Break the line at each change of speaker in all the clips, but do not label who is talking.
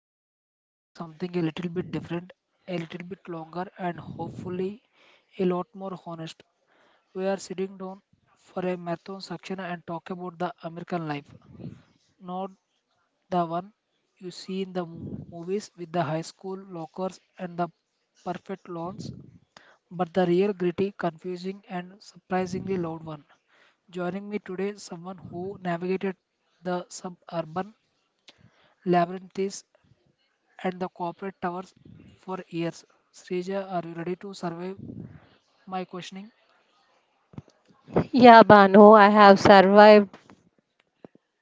and today we are doing something a little bit different, a little bit longer and hopefully a lot more honest. We are sitting down for a marathon section and talk about the American life, not the one you see in the movies with the high school lockers and the perfect lawns, but the real gritty, confusing and surprisingly loud one. Joining me today, someone who navigated the suburban labyrinths, and the corporate towers for years. Srija, are you ready to survive my questioning?
Yeah, Banu, I have survived.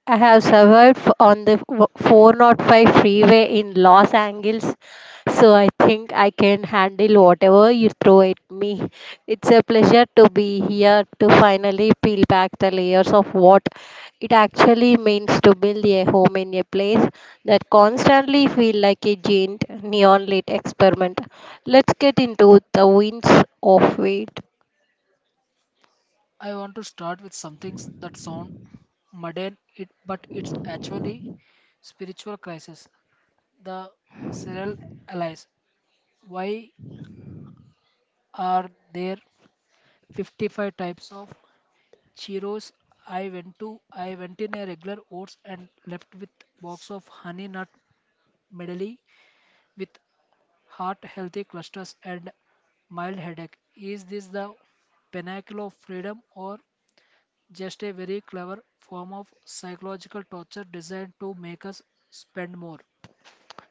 I have survived on the 405 freeway in Los Angeles, so I think I can handle whatever you throw at me. It's a pleasure to be here to finally peel back the layers of what it actually means to build a home in a place that constantly feels like a giant neon lit experiment. Let's get into the winds of it.
I want to start with some things that sound mundane, but it's actually spiritual crisis. The serial allies. Why are there 55 types of Cheetos? I went in a regular oats and left with box of honey nut medley with heart healthy clusters and mild headache. Is this the pinnacle of freedom or just a very clever form of psychological torture designed to make us spend more?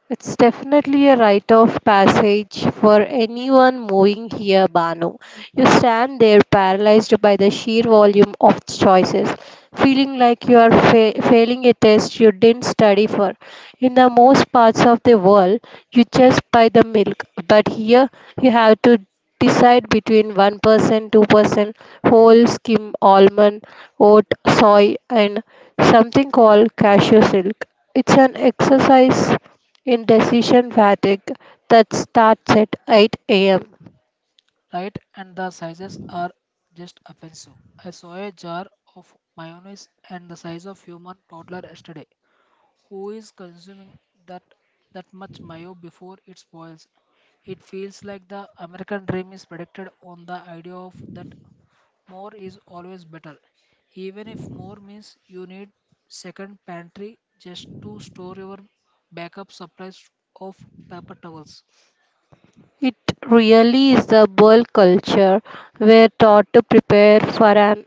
It's definitely a rite of passage for anyone moving here, Banu. You stand there paralyzed by the sheer volume of choices, feeling like you are failing a test you didn't study for. In the most parts of the world, you just buy the milk, but here you have to decide between 1%, 2% whole skim almond, oat, soy, and something called cashew silk. It's an exercise in decision fatigue that starts at 8 a.m.
Right, and the sizes are just offensive. I saw a jar of mayonnaise and the size of human toddler yesterday. Who is consuming that that much mayo before it spoils? It feels like the American dream is predicated on the idea of that more is always better, even if more means you need second pantry just to store your backup supplies of paper towels.
It really is the boil culture. We're taught to prepare for an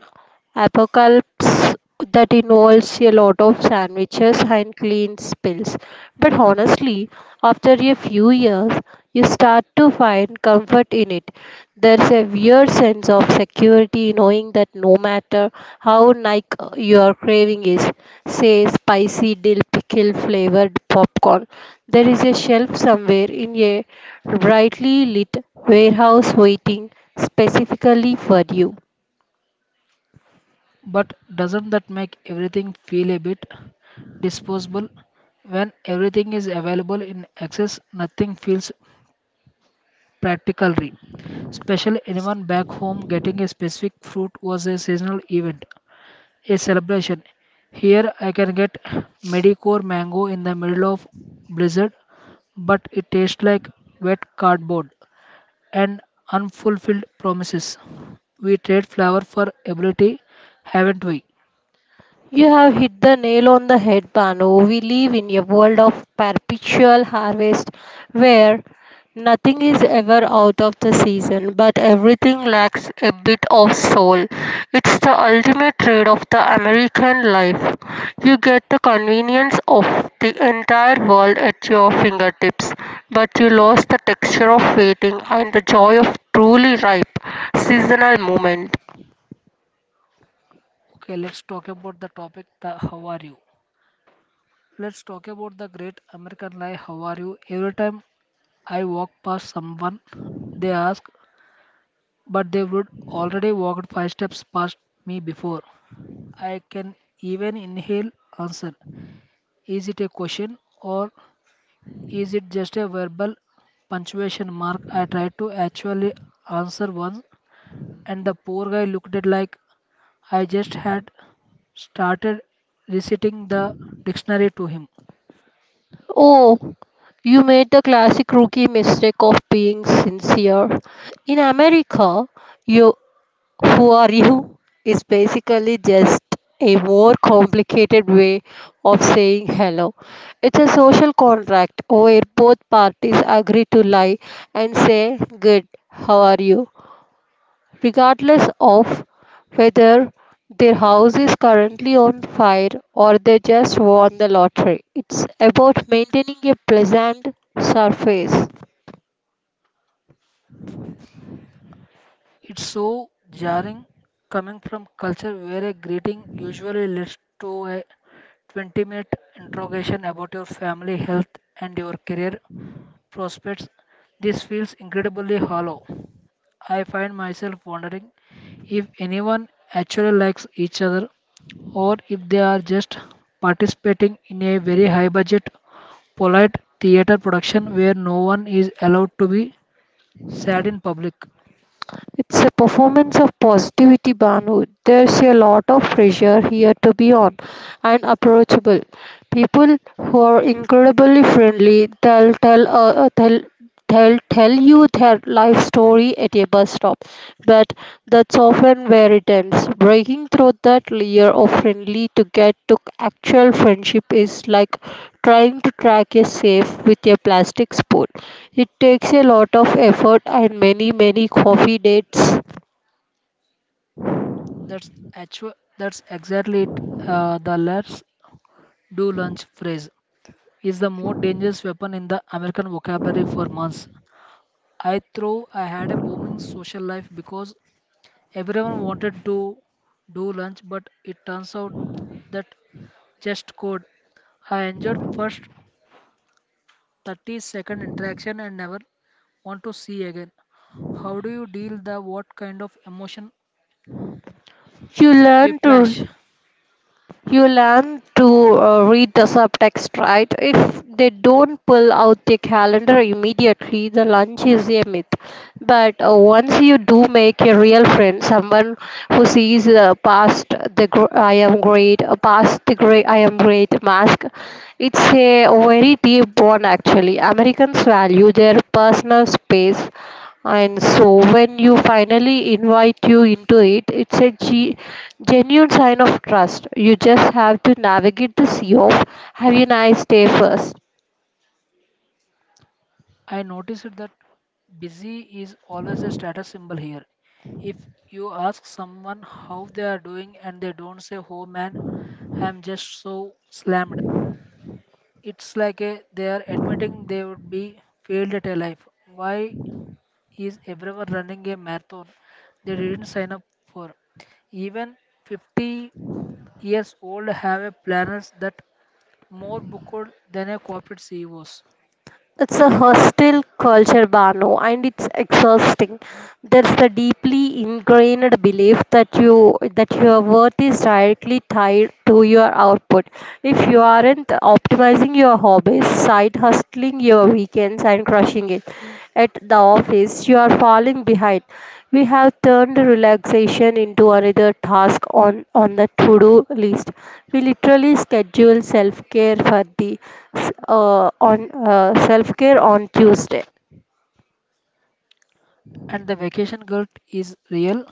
apocalypse that involves a lot of sandwiches and clean spills. But honestly, after a few years, you start to find comfort in it. There's a weird sense of security knowing that no matter how like your craving is, say spicy dill pickle flavored popcorn, there is a shelf somewhere in a brightly lit warehouse waiting specifically for you.
But doesn't that make everything feel a bit disposable? When everything is available in access, nothing feels practically. Special anyone back home getting a specific fruit was a seasonal event, a celebration. Here I can get medicore mango in the middle of blizzard but it tastes like wet cardboard and unfulfilled promises. We trade flower for ability, haven't we?
You have hit the nail on the head, Banu. We live in a world of perpetual harvest where nothing is ever out of the season, but everything lacks a bit of soul. It's the ultimate trade of the American life. You get the convenience of the entire world at your fingertips, but you lose the texture of waiting and the joy of truly ripe seasonal moment.
Okay, let's talk about the topic the how are you. Let's talk about the great American lie how are you. Every time I walk past someone, they ask, but they would already walked five steps past me before. I can even inhale answer. Is it a question or is it just a verbal punctuation mark? I tried to actually answer once, and the poor guy looked at like I just had started reciting the dictionary to him.
Oh, you made the classic rookie mistake of being sincere. In America, you who are you is basically just a more complicated way of saying hello. It's a social contract where both parties agree to lie and say good, how are you, regardless of whether their house is currently on fire or they just won the lottery. It's about maintaining a pleasant surface.
It's so jarring coming from culture where a greeting usually leads to a 20-minute interrogation about your family, health, and your career prospects. This feels incredibly hollow. I find myself wondering if anyone actually likes each other or if they are just participating in a very high budget, polite theater production where no one is allowed to be sad in public.
It's a performance of positivity, Banu. There's a lot of pressure here to be on and approachable. People who are incredibly friendly, they'll tell tell you their life story at a bus stop, but that's often where it ends. Breaking through that layer of friendly to get to actual friendship is like trying to track a safe with a plastic spoon. It takes a lot of effort and many, many coffee dates.
That's actual, that's exactly it. The let's do lunch phrase is the more dangerous weapon in the American vocabulary for months. I had a booming social life because everyone wanted to do lunch, but it turns out that just code. I enjoyed first 30-second interaction and never want to see again. How do you deal the what kind of emotion
you learn
whiplash?
to You learn to read the subtext, right? If they don't pull out the calendar immediately, the lunch is a myth. But once you do make a real friend, someone who sees past the great I am great mask, it's a very deep bond actually. Americans value their personal space, and so when you finally invite you into it, it's a g. genuine sign of trust. You just have to navigate the sea of have a nice day first.
I noticed that busy is always a status symbol here. If you ask someone how they are doing and they don't say, "Oh man, I'm just so slammed," it's like a, they are admitting they would be failed at a life. Why is everyone running a marathon they didn't sign up for? Even 50 years old have a planners that more booked than a corporate CEOs.
It's a hostile culture, Bano, and it's exhausting. There's the deeply ingrained belief that your worth is directly tied to your output. If you aren't optimizing your hobbies, side hustling your weekends and crushing it at the office, you are falling behind. We have turned relaxation into another task on the to do list. We literally schedule self care for the on self care on Tuesday.
And the vacation guilt is real.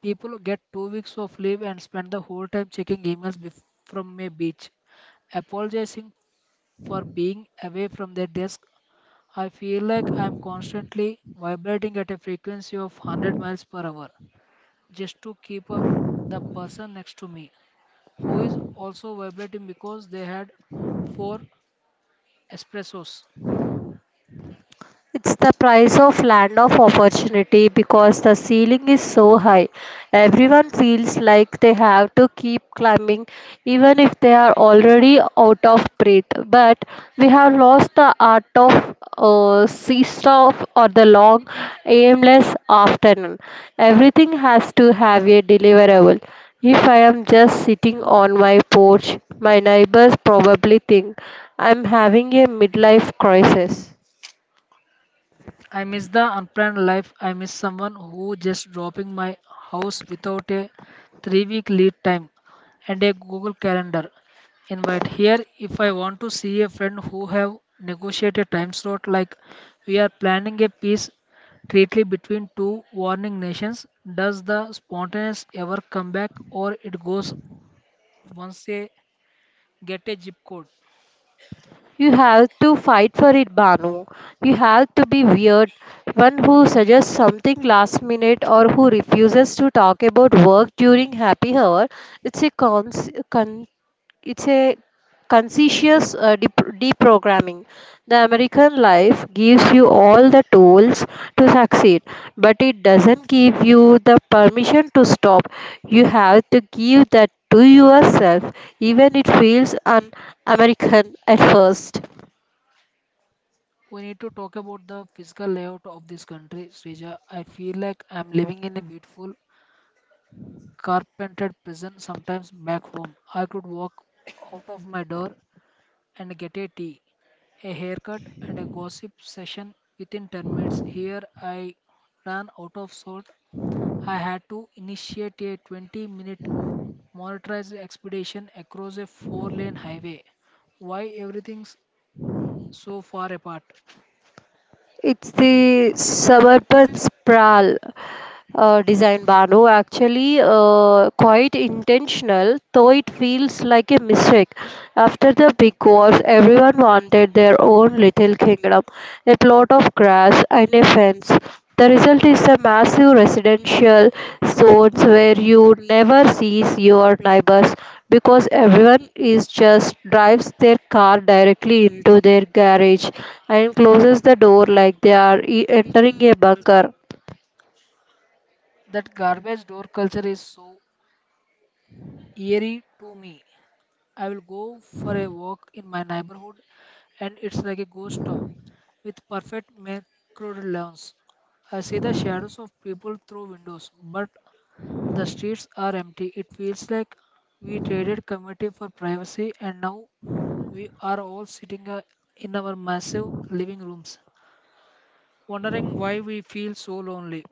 People get 2 weeks of leave and spend the whole time checking emails from a beach, apologizing for being away from their desk. I feel like I'm constantly vibrating at a frequency of 100 miles per hour just to keep up the person next to me who is also vibrating because they had four espressos.
It's the price of land of opportunity because the ceiling is so high. Everyone feels like they have to keep climbing even if they are already out of breath. But we have lost the art of seesaw or the long aimless afternoon. Everything has to have a deliverable. If I am just sitting on my porch, my neighbors probably think I'm having a midlife crisis.
I miss the unplanned life. I miss someone who just dropping my house without a 3 week lead time and a Google Calendar invite. Here, if I want to see a friend who have negotiated time slot like we are planning a peace treaty between two warring nations, does the spontaneous ever come back or it goes once they get a zip code?
You have to fight for it, Banu. You have to be weird, one who suggests something last minute or who refuses to talk about work during happy hour. It's a it's a conscientious deprogramming. The American life gives you all the tools to succeed, but it doesn't give you the permission to stop. You have to give that to yourself, even it feels un American at first.
We need to talk about the physical layout of this country, Srija. I feel like I'm living in a beautiful carpentered prison, sometimes back home. I could walk out of my door and get a tea, a haircut, and a gossip session within 10 minutes. Here I ran out of salt. I had to initiate a 20-minute motorized expedition across a four-lane highway. Why everything's so far apart?
It's the suburban sprawl design, Banu. Actually, quite intentional, though it feels like a mistake. After the big wars, everyone wanted their own little kingdom, a plot of grass and a fence. The result is a massive residential zones where you never sees your neighbors because everyone is just drives their car directly into their garage and closes the door like they are entering a bunker.
That garbage door culture is so eerie to me. I will go for a walk in my neighborhood, and it's like a ghost town with perfect macro lawns. I see the shadows of people through windows, but the streets are empty. It feels like we traded community for privacy, and now we are all sitting in our massive living rooms, wondering why we feel so lonely.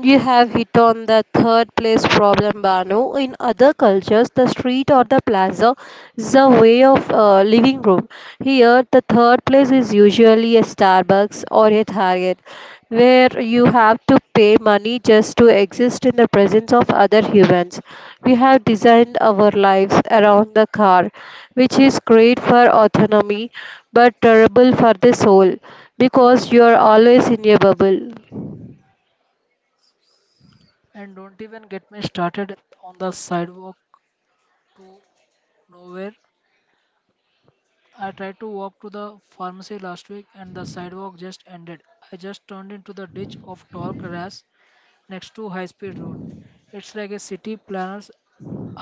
You have hit on the third place problem, Banu. In other cultures, the street or the plaza is a way of living room. Here, the third place is usually a Starbucks or a Target, where you have to pay money just to exist in the presence of other humans. We have designed our lives around the car, which is great for autonomy but terrible for the soul because you are always in a bubble.
And don't even get me started on the sidewalk to nowhere. I tried to walk to the pharmacy last week and the sidewalk just ended. I just turned into the ditch of tall grass next to high speed road. It's like a city planners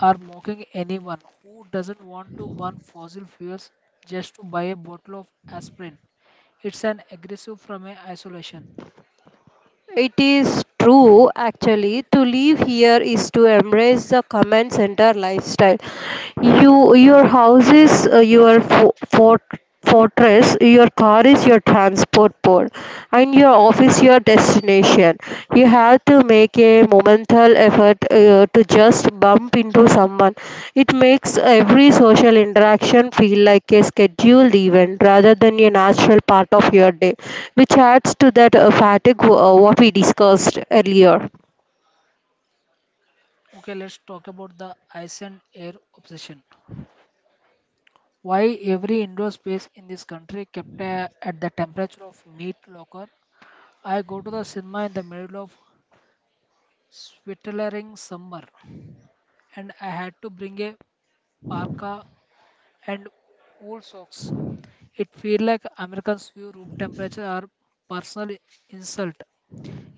are mocking anyone who doesn't want to burn fossil fuels just to buy a bottle of aspirin. It's an aggressive from a isolation.
It is true, actually. To live here is to embrace the command center lifestyle. You, your house is fortress, your car is your transport port, and your office your destination. You have to make a momental effort to just bump into someone. It makes every social interaction feel like a scheduled event rather than a natural part of your day, which adds to that fatigue what we discussed earlier.
Okay, let's talk about the ice and air obsession. Why every indoor space in this country kept at the temperature of meat locker? I go to the cinema in the middle of sweltering summer, and I had to bring a parka and wool socks. It feels like Americans view room temperature are personal insult.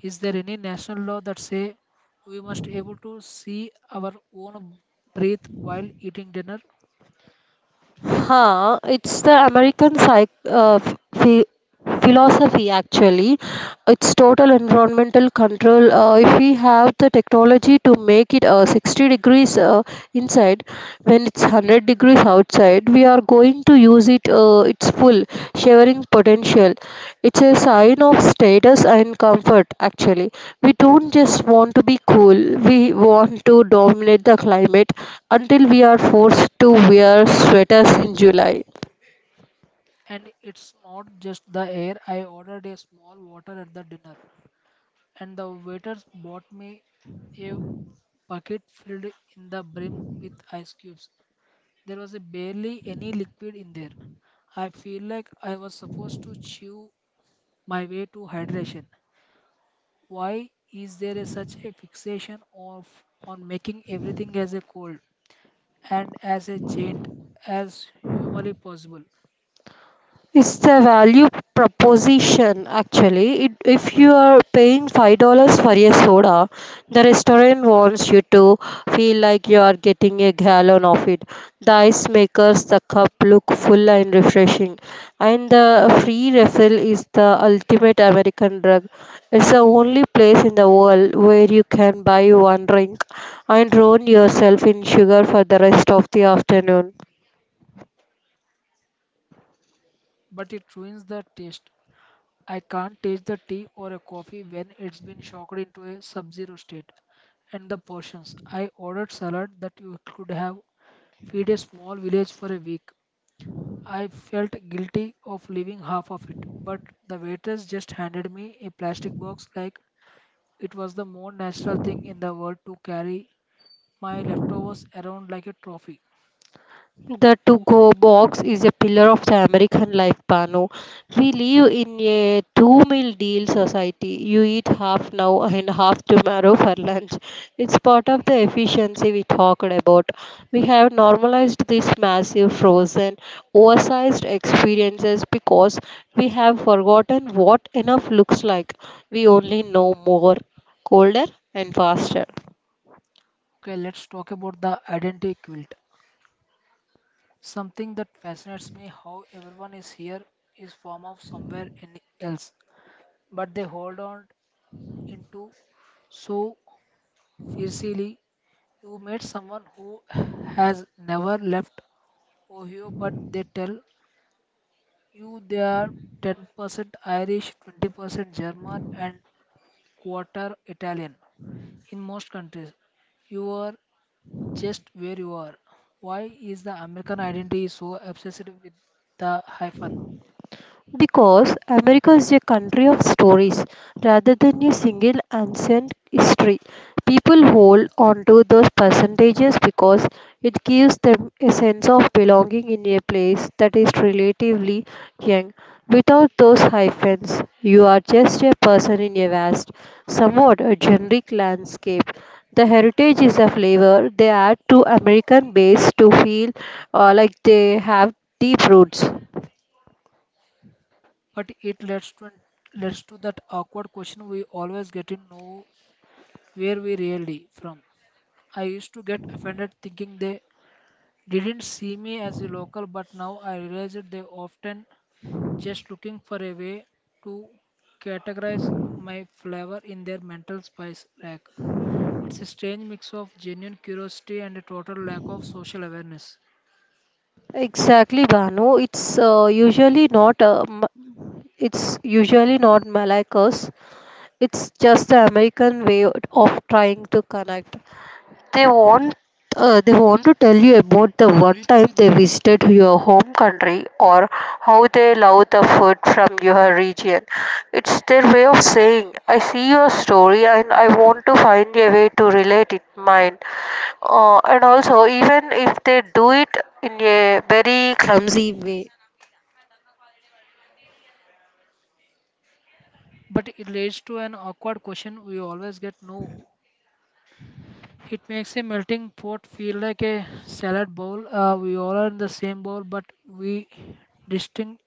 Is there any national law that say we must able to see our own breath while eating dinner?
It's the American ph- philosophy actually. It's total environmental control. If we have the technology to make it 60 degrees inside when it's 100 degrees outside, we are going to use it. It's full sharing potential. It's a sign of status and comfort actually. We don't just want to be cool, we want to dominate the climate until we are forced to wear sweaters in July.
And it's not just the air. I ordered a small water at the dinner, and the waiters bought me a bucket filled in the brim with ice cubes. There was a barely any liquid in there. I feel like I was supposed to chew my way to hydration. Why is there such a fixation of on making everything as a cold and as a giant as humanly possible?
It's the value proposition actually. It, if you are paying $5 for a soda, the restaurant wants you to feel like you are getting a gallon of it. The ice makes the cup look full and refreshing. And the free refill is the ultimate American drug. It's the only place in the world where you can buy one drink and drown yourself in sugar for the rest of the afternoon.
But it ruins the taste. I can't taste the tea or a coffee when it's been shocked into a sub-zero state. And the portions. I ordered salad that you could have feed a small village for a week. I felt guilty of leaving half of it, but the waitress just handed me a plastic box like it was the more natural thing in the world to carry my leftovers around like a trophy.
The to go box is a pillar of the American life, Pano. We live in a two meal deal society. You eat half now and half tomorrow for lunch. It's part of the efficiency we talked about. We have normalized these massive, frozen, oversized experiences because we have forgotten what enough looks like. We only know more, colder, and faster.
Okay, let's talk about the identity quilt. Something that fascinates me how everyone is here is form of somewhere in else, but they hold on into so fiercely. You meet someone who has never left Ohio, but they tell you they are 10% Irish, 20% German, and quarter Italian. In most countries, you are just where you are. Why is the American identity so obsessed with the hyphen?
Because America is a country of stories rather than a single ancient history. People hold on to those percentages because it gives them a sense of belonging in a place that is relatively young. Without those hyphens, you are just a person in a vast, somewhat a generic landscape. The heritage is a flavor they add to American base to feel like they have deep roots.
But it leads to that awkward question we always get to know where we really from. I used to get offended thinking they didn't see me as a local, but now I realize that they often just looking for a way to categorize my flavor in their mental spice rack. It's a strange mix of genuine curiosity and a total lack of social awareness.
Exactly, Banu. It's usually not Malacca's. It's just the American way of trying to connect. They want they want to tell you about the one time they visited your home country or how they love the food from your region. It's their way of saying, "I see your story and I want to find a way to relate it mine," and also even if they do it in a very clumsy way.
But it leads to an awkward question we always get no. It makes a melting pot feel like a salad bowl. We all are in the same bowl, but we distinct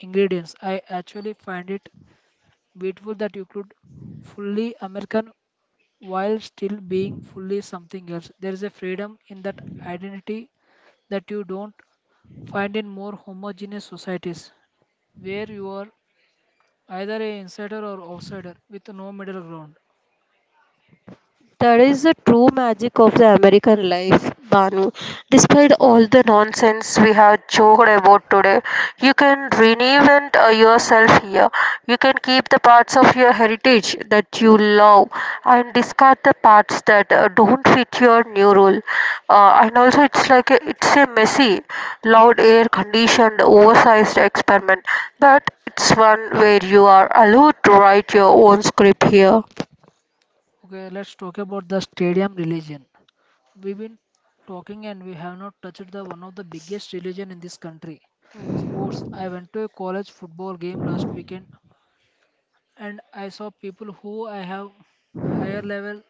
ingredients. I actually find it beautiful that you could fully American while still being fully something else. There is a freedom in that identity that you don't find in more homogeneous societies where you are either an insider or outsider with no middle ground.
That is the true magic of the American life, Banu. Despite all the nonsense we have joked about today, you can reinvent yourself here. You can keep the parts of your heritage that you love and discard the parts that don't fit your new role. And also, it's like a, It's a messy, loud air conditioned, oversized experiment, but it's one where you are allowed to write your own script here.
Okay, let's talk about the stadium religion. We've been talking and we have not touched the one of the biggest religion in this country. Sports. I went to a college football game last weekend and I saw people who I have higher level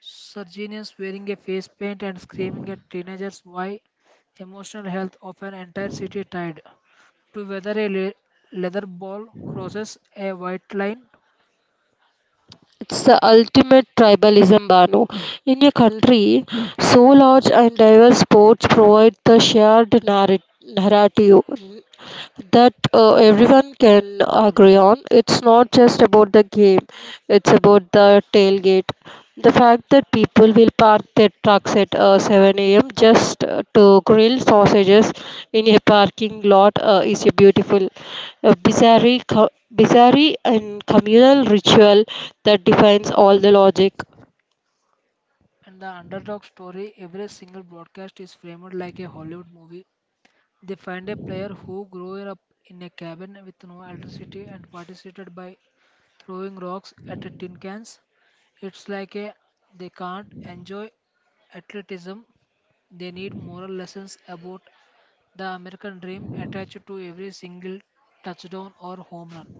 surgeons wearing a face paint and screaming at teenagers why emotional health of an entire city tied to whether a leather ball crosses a white line.
It's the ultimate tribalism, Banu. In a country so large and diverse, sports provide the shared narrative that everyone can agree on. It's not just about the game, it's about the tailgate. The fact that people will park their trucks at 7 a.m. just to grill sausages in a parking lot is a beautiful, uh, bizarre, bizarre and communal ritual that defines all the logic.
And the underdog story every single broadcast is framed like a Hollywood movie. They find a player who grew up in a cabin with no electricity and participated by throwing rocks at tin cans. It's like a they can't enjoy athleticism. They need moral lessons about the American dream attached to every single touchdown or home run.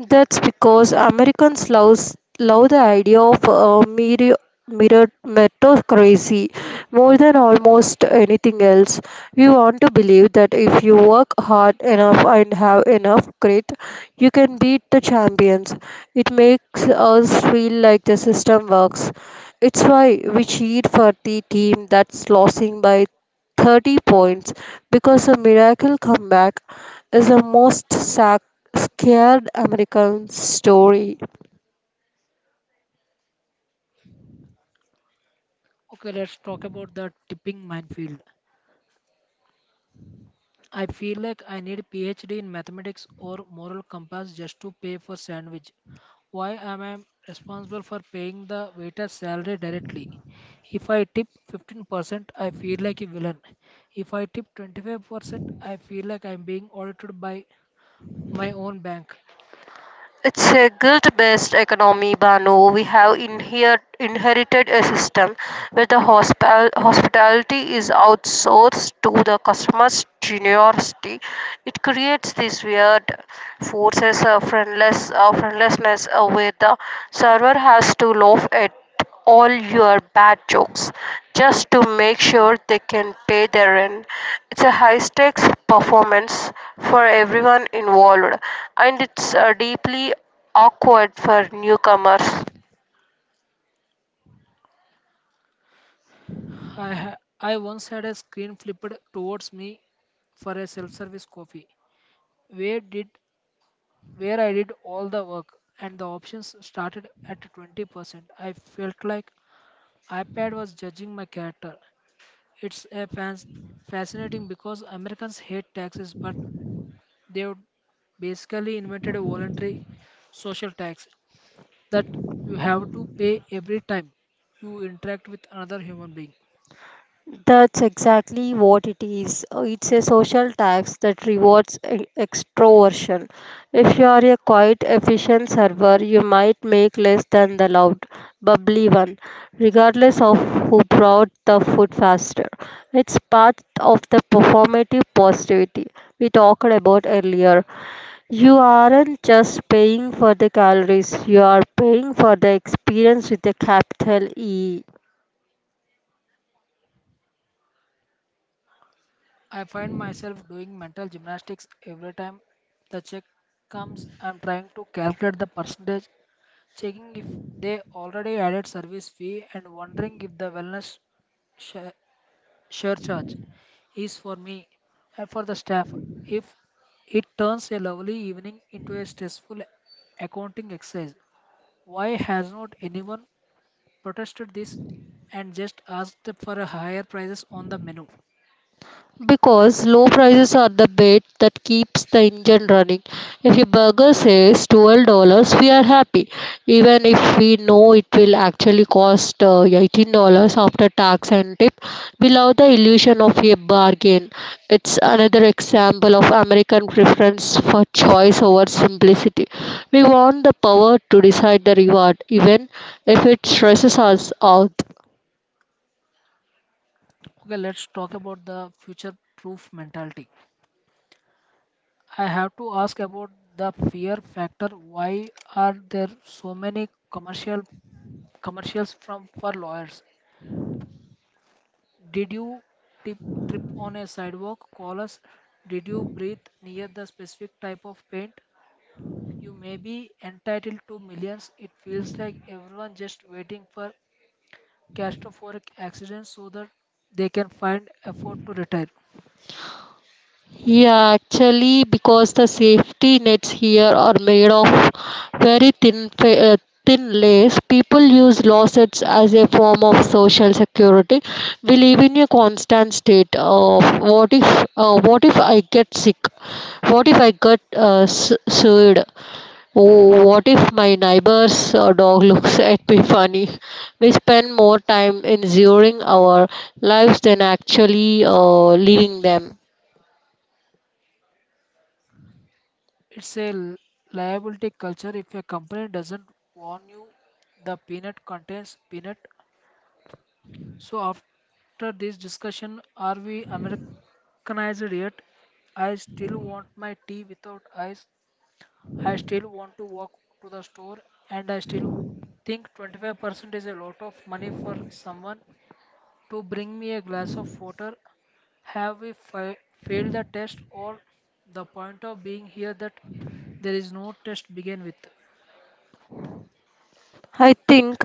That's because Americans love the idea of a mirror meritocracy more than almost anything else. We want to believe that if you work hard enough and have enough grit, you can beat the champions. It makes us feel like the system works. It's why we cheer for the team that's losing by 30 points because a miracle comeback is the most scared American story.
Okay, let's talk about the tipping minefield. I feel like I need PhD in mathematics or moral compass just to pay for sandwich. Why am I responsible for paying the waiter's salary directly? If I tip 15%, I feel like a villain. If I tip 25%, I feel like I'm being audited by my own bank.
It's a guilt-based economy, Banu. We have inherited a system where the hospitality is outsourced to the customer's generosity. It creates this weird forces a friendlessness where the server has to laugh at all your bad jokes just to make sure they can pay their rent. It's a high stakes performance for everyone involved, and it's deeply awkward for newcomers.
I once had a screen flipped towards me for a self-service coffee, where did where I did all the work, and the options started at 20%. I felt like iPad was judging my character. It's a fans fascinating because Americans hate taxes, but they've basically invented a voluntary social tax that you have to pay every time you interact with another human being.
That's exactly what it is. It's a social tax that rewards extroversion. If you are a quiet, efficient server, you might make less than the loud, bubbly one, regardless of who brought the food faster. It's part of the performative positivity we talked about earlier. You aren't just paying for the calories, you are paying for the experience with a capital E.
I find myself doing mental gymnastics every time the check comes. I'm trying to calculate the percentage, checking if they already added service fee, and wondering if the wellness share, share charge is for me and for the staff. If it turns a lovely evening into a stressful accounting exercise, why has not anyone protested this and just asked for a higher prices on the menu?
Because low prices are the bait that keeps the engine running. If a burger says $12, we are happy, even if we know it will actually cost $18 after tax and tip. We love the illusion of a bargain. It's another example of American preference for choice over simplicity. We want the power to decide the reward, even if it stresses us out.
Okay, let's talk about the future proof mentality. I have to ask about the fear factor. Why are there so many commercials from for lawyers? Did you tip, trip on a sidewalk? Call us. Did you breathe near the specific type of paint? You may be entitled to millions. It feels like everyone just waiting for catastrophic accidents so that they can find effort to retire.
Yeah, actually, because the safety nets here are made of very thin lace, people use lawsuits as a form of social security. We live in a constant state of what if I get sick? What if I get sued? Oh, what if my neighbor's dog looks at me funny? We spend more time ensuring our lives than actually living them.
It's a liability culture if a company doesn't warn you the peanut contains peanut. So after this discussion, are we Americanized yet? I still want my tea without ice. I still want to walk to the store and I still think 25% is a lot of money for someone to bring me a glass of water. Have we failed the test or the point of being here that there is no test begin with?
I think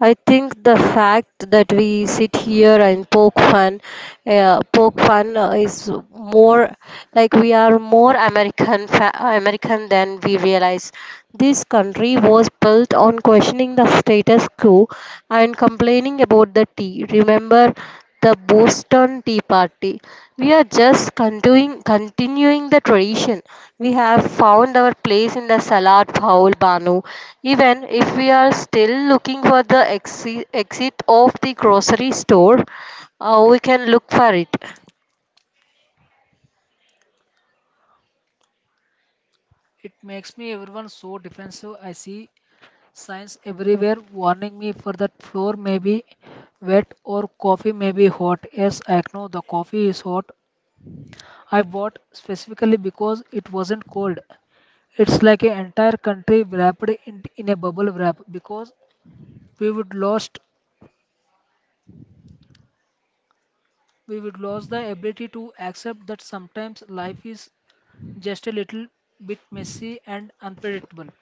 I think the fact that we sit here and poke fun is more like we are more American than we realize. This country was built on questioning the status quo and complaining about the tea. Remember the Boston Tea Party. We are just continuing the tradition. We have found our place in the salad bowl, Banu. Even if we are still looking for the exit of the grocery store, we can look for it.
It makes me everyone so defensive. I see signs everywhere warning me for that floor may be wet or coffee may be hot. Yes, I know the coffee is hot. I bought specifically because it wasn't cold. It's like an entire country wrapped in a bubble wrap because we would lost we would lose the ability to accept that sometimes life is just a little bit messy and unpredictable.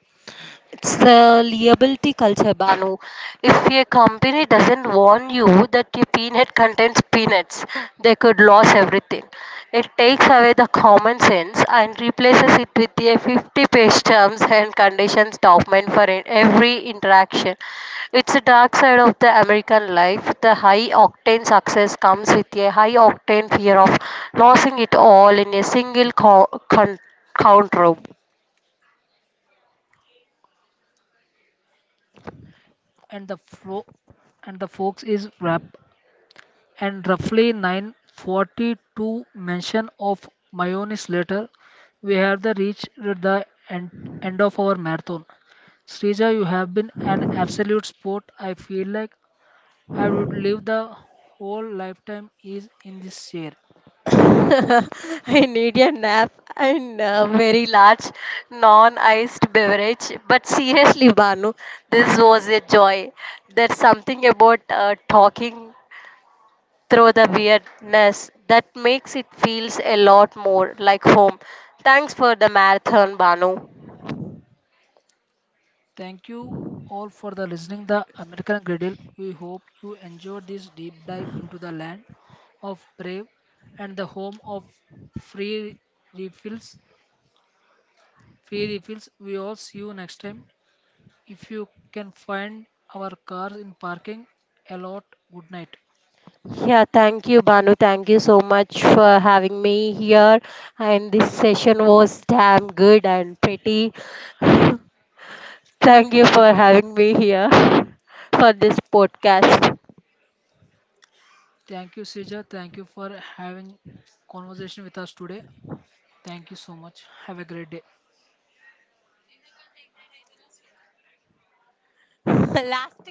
It's the liability culture, Banu. If a company doesn't warn you that your peanut contains peanuts, they could lose everything. It takes away the common sense and replaces it with a 50-page terms and conditions document for every interaction. It's the dark side of the American life. The high octane success comes with a high octane fear of losing it all in a single count row.
And the flow and the folks is wrap. And roughly 942 mention of mayonnaise later, we have the reached the end of our marathon. Srija, you have been an absolute sport. I feel like I would live the whole lifetime is in this chair.
I need a nap and a very large non iced beverage. But seriously, Banu, this was a joy. There's something about talking through the weirdness that makes it feels a lot more like home. Thanks for the marathon, Banu.
Thank you all for the listening the American Griddle. We hope you enjoyed this deep dive into the land of brave and the home of free refills. Free refills. We all see you next time. If you can find our cars in parking a lot, good night.
Yeah, thank you, Banu. Thank you so much for having me here. And this session was damn good and pretty. Thank you for having me here for this podcast.
Thank you, Seja. Thank you for having conversation with us today. Thank you so much. Have a great day.
Last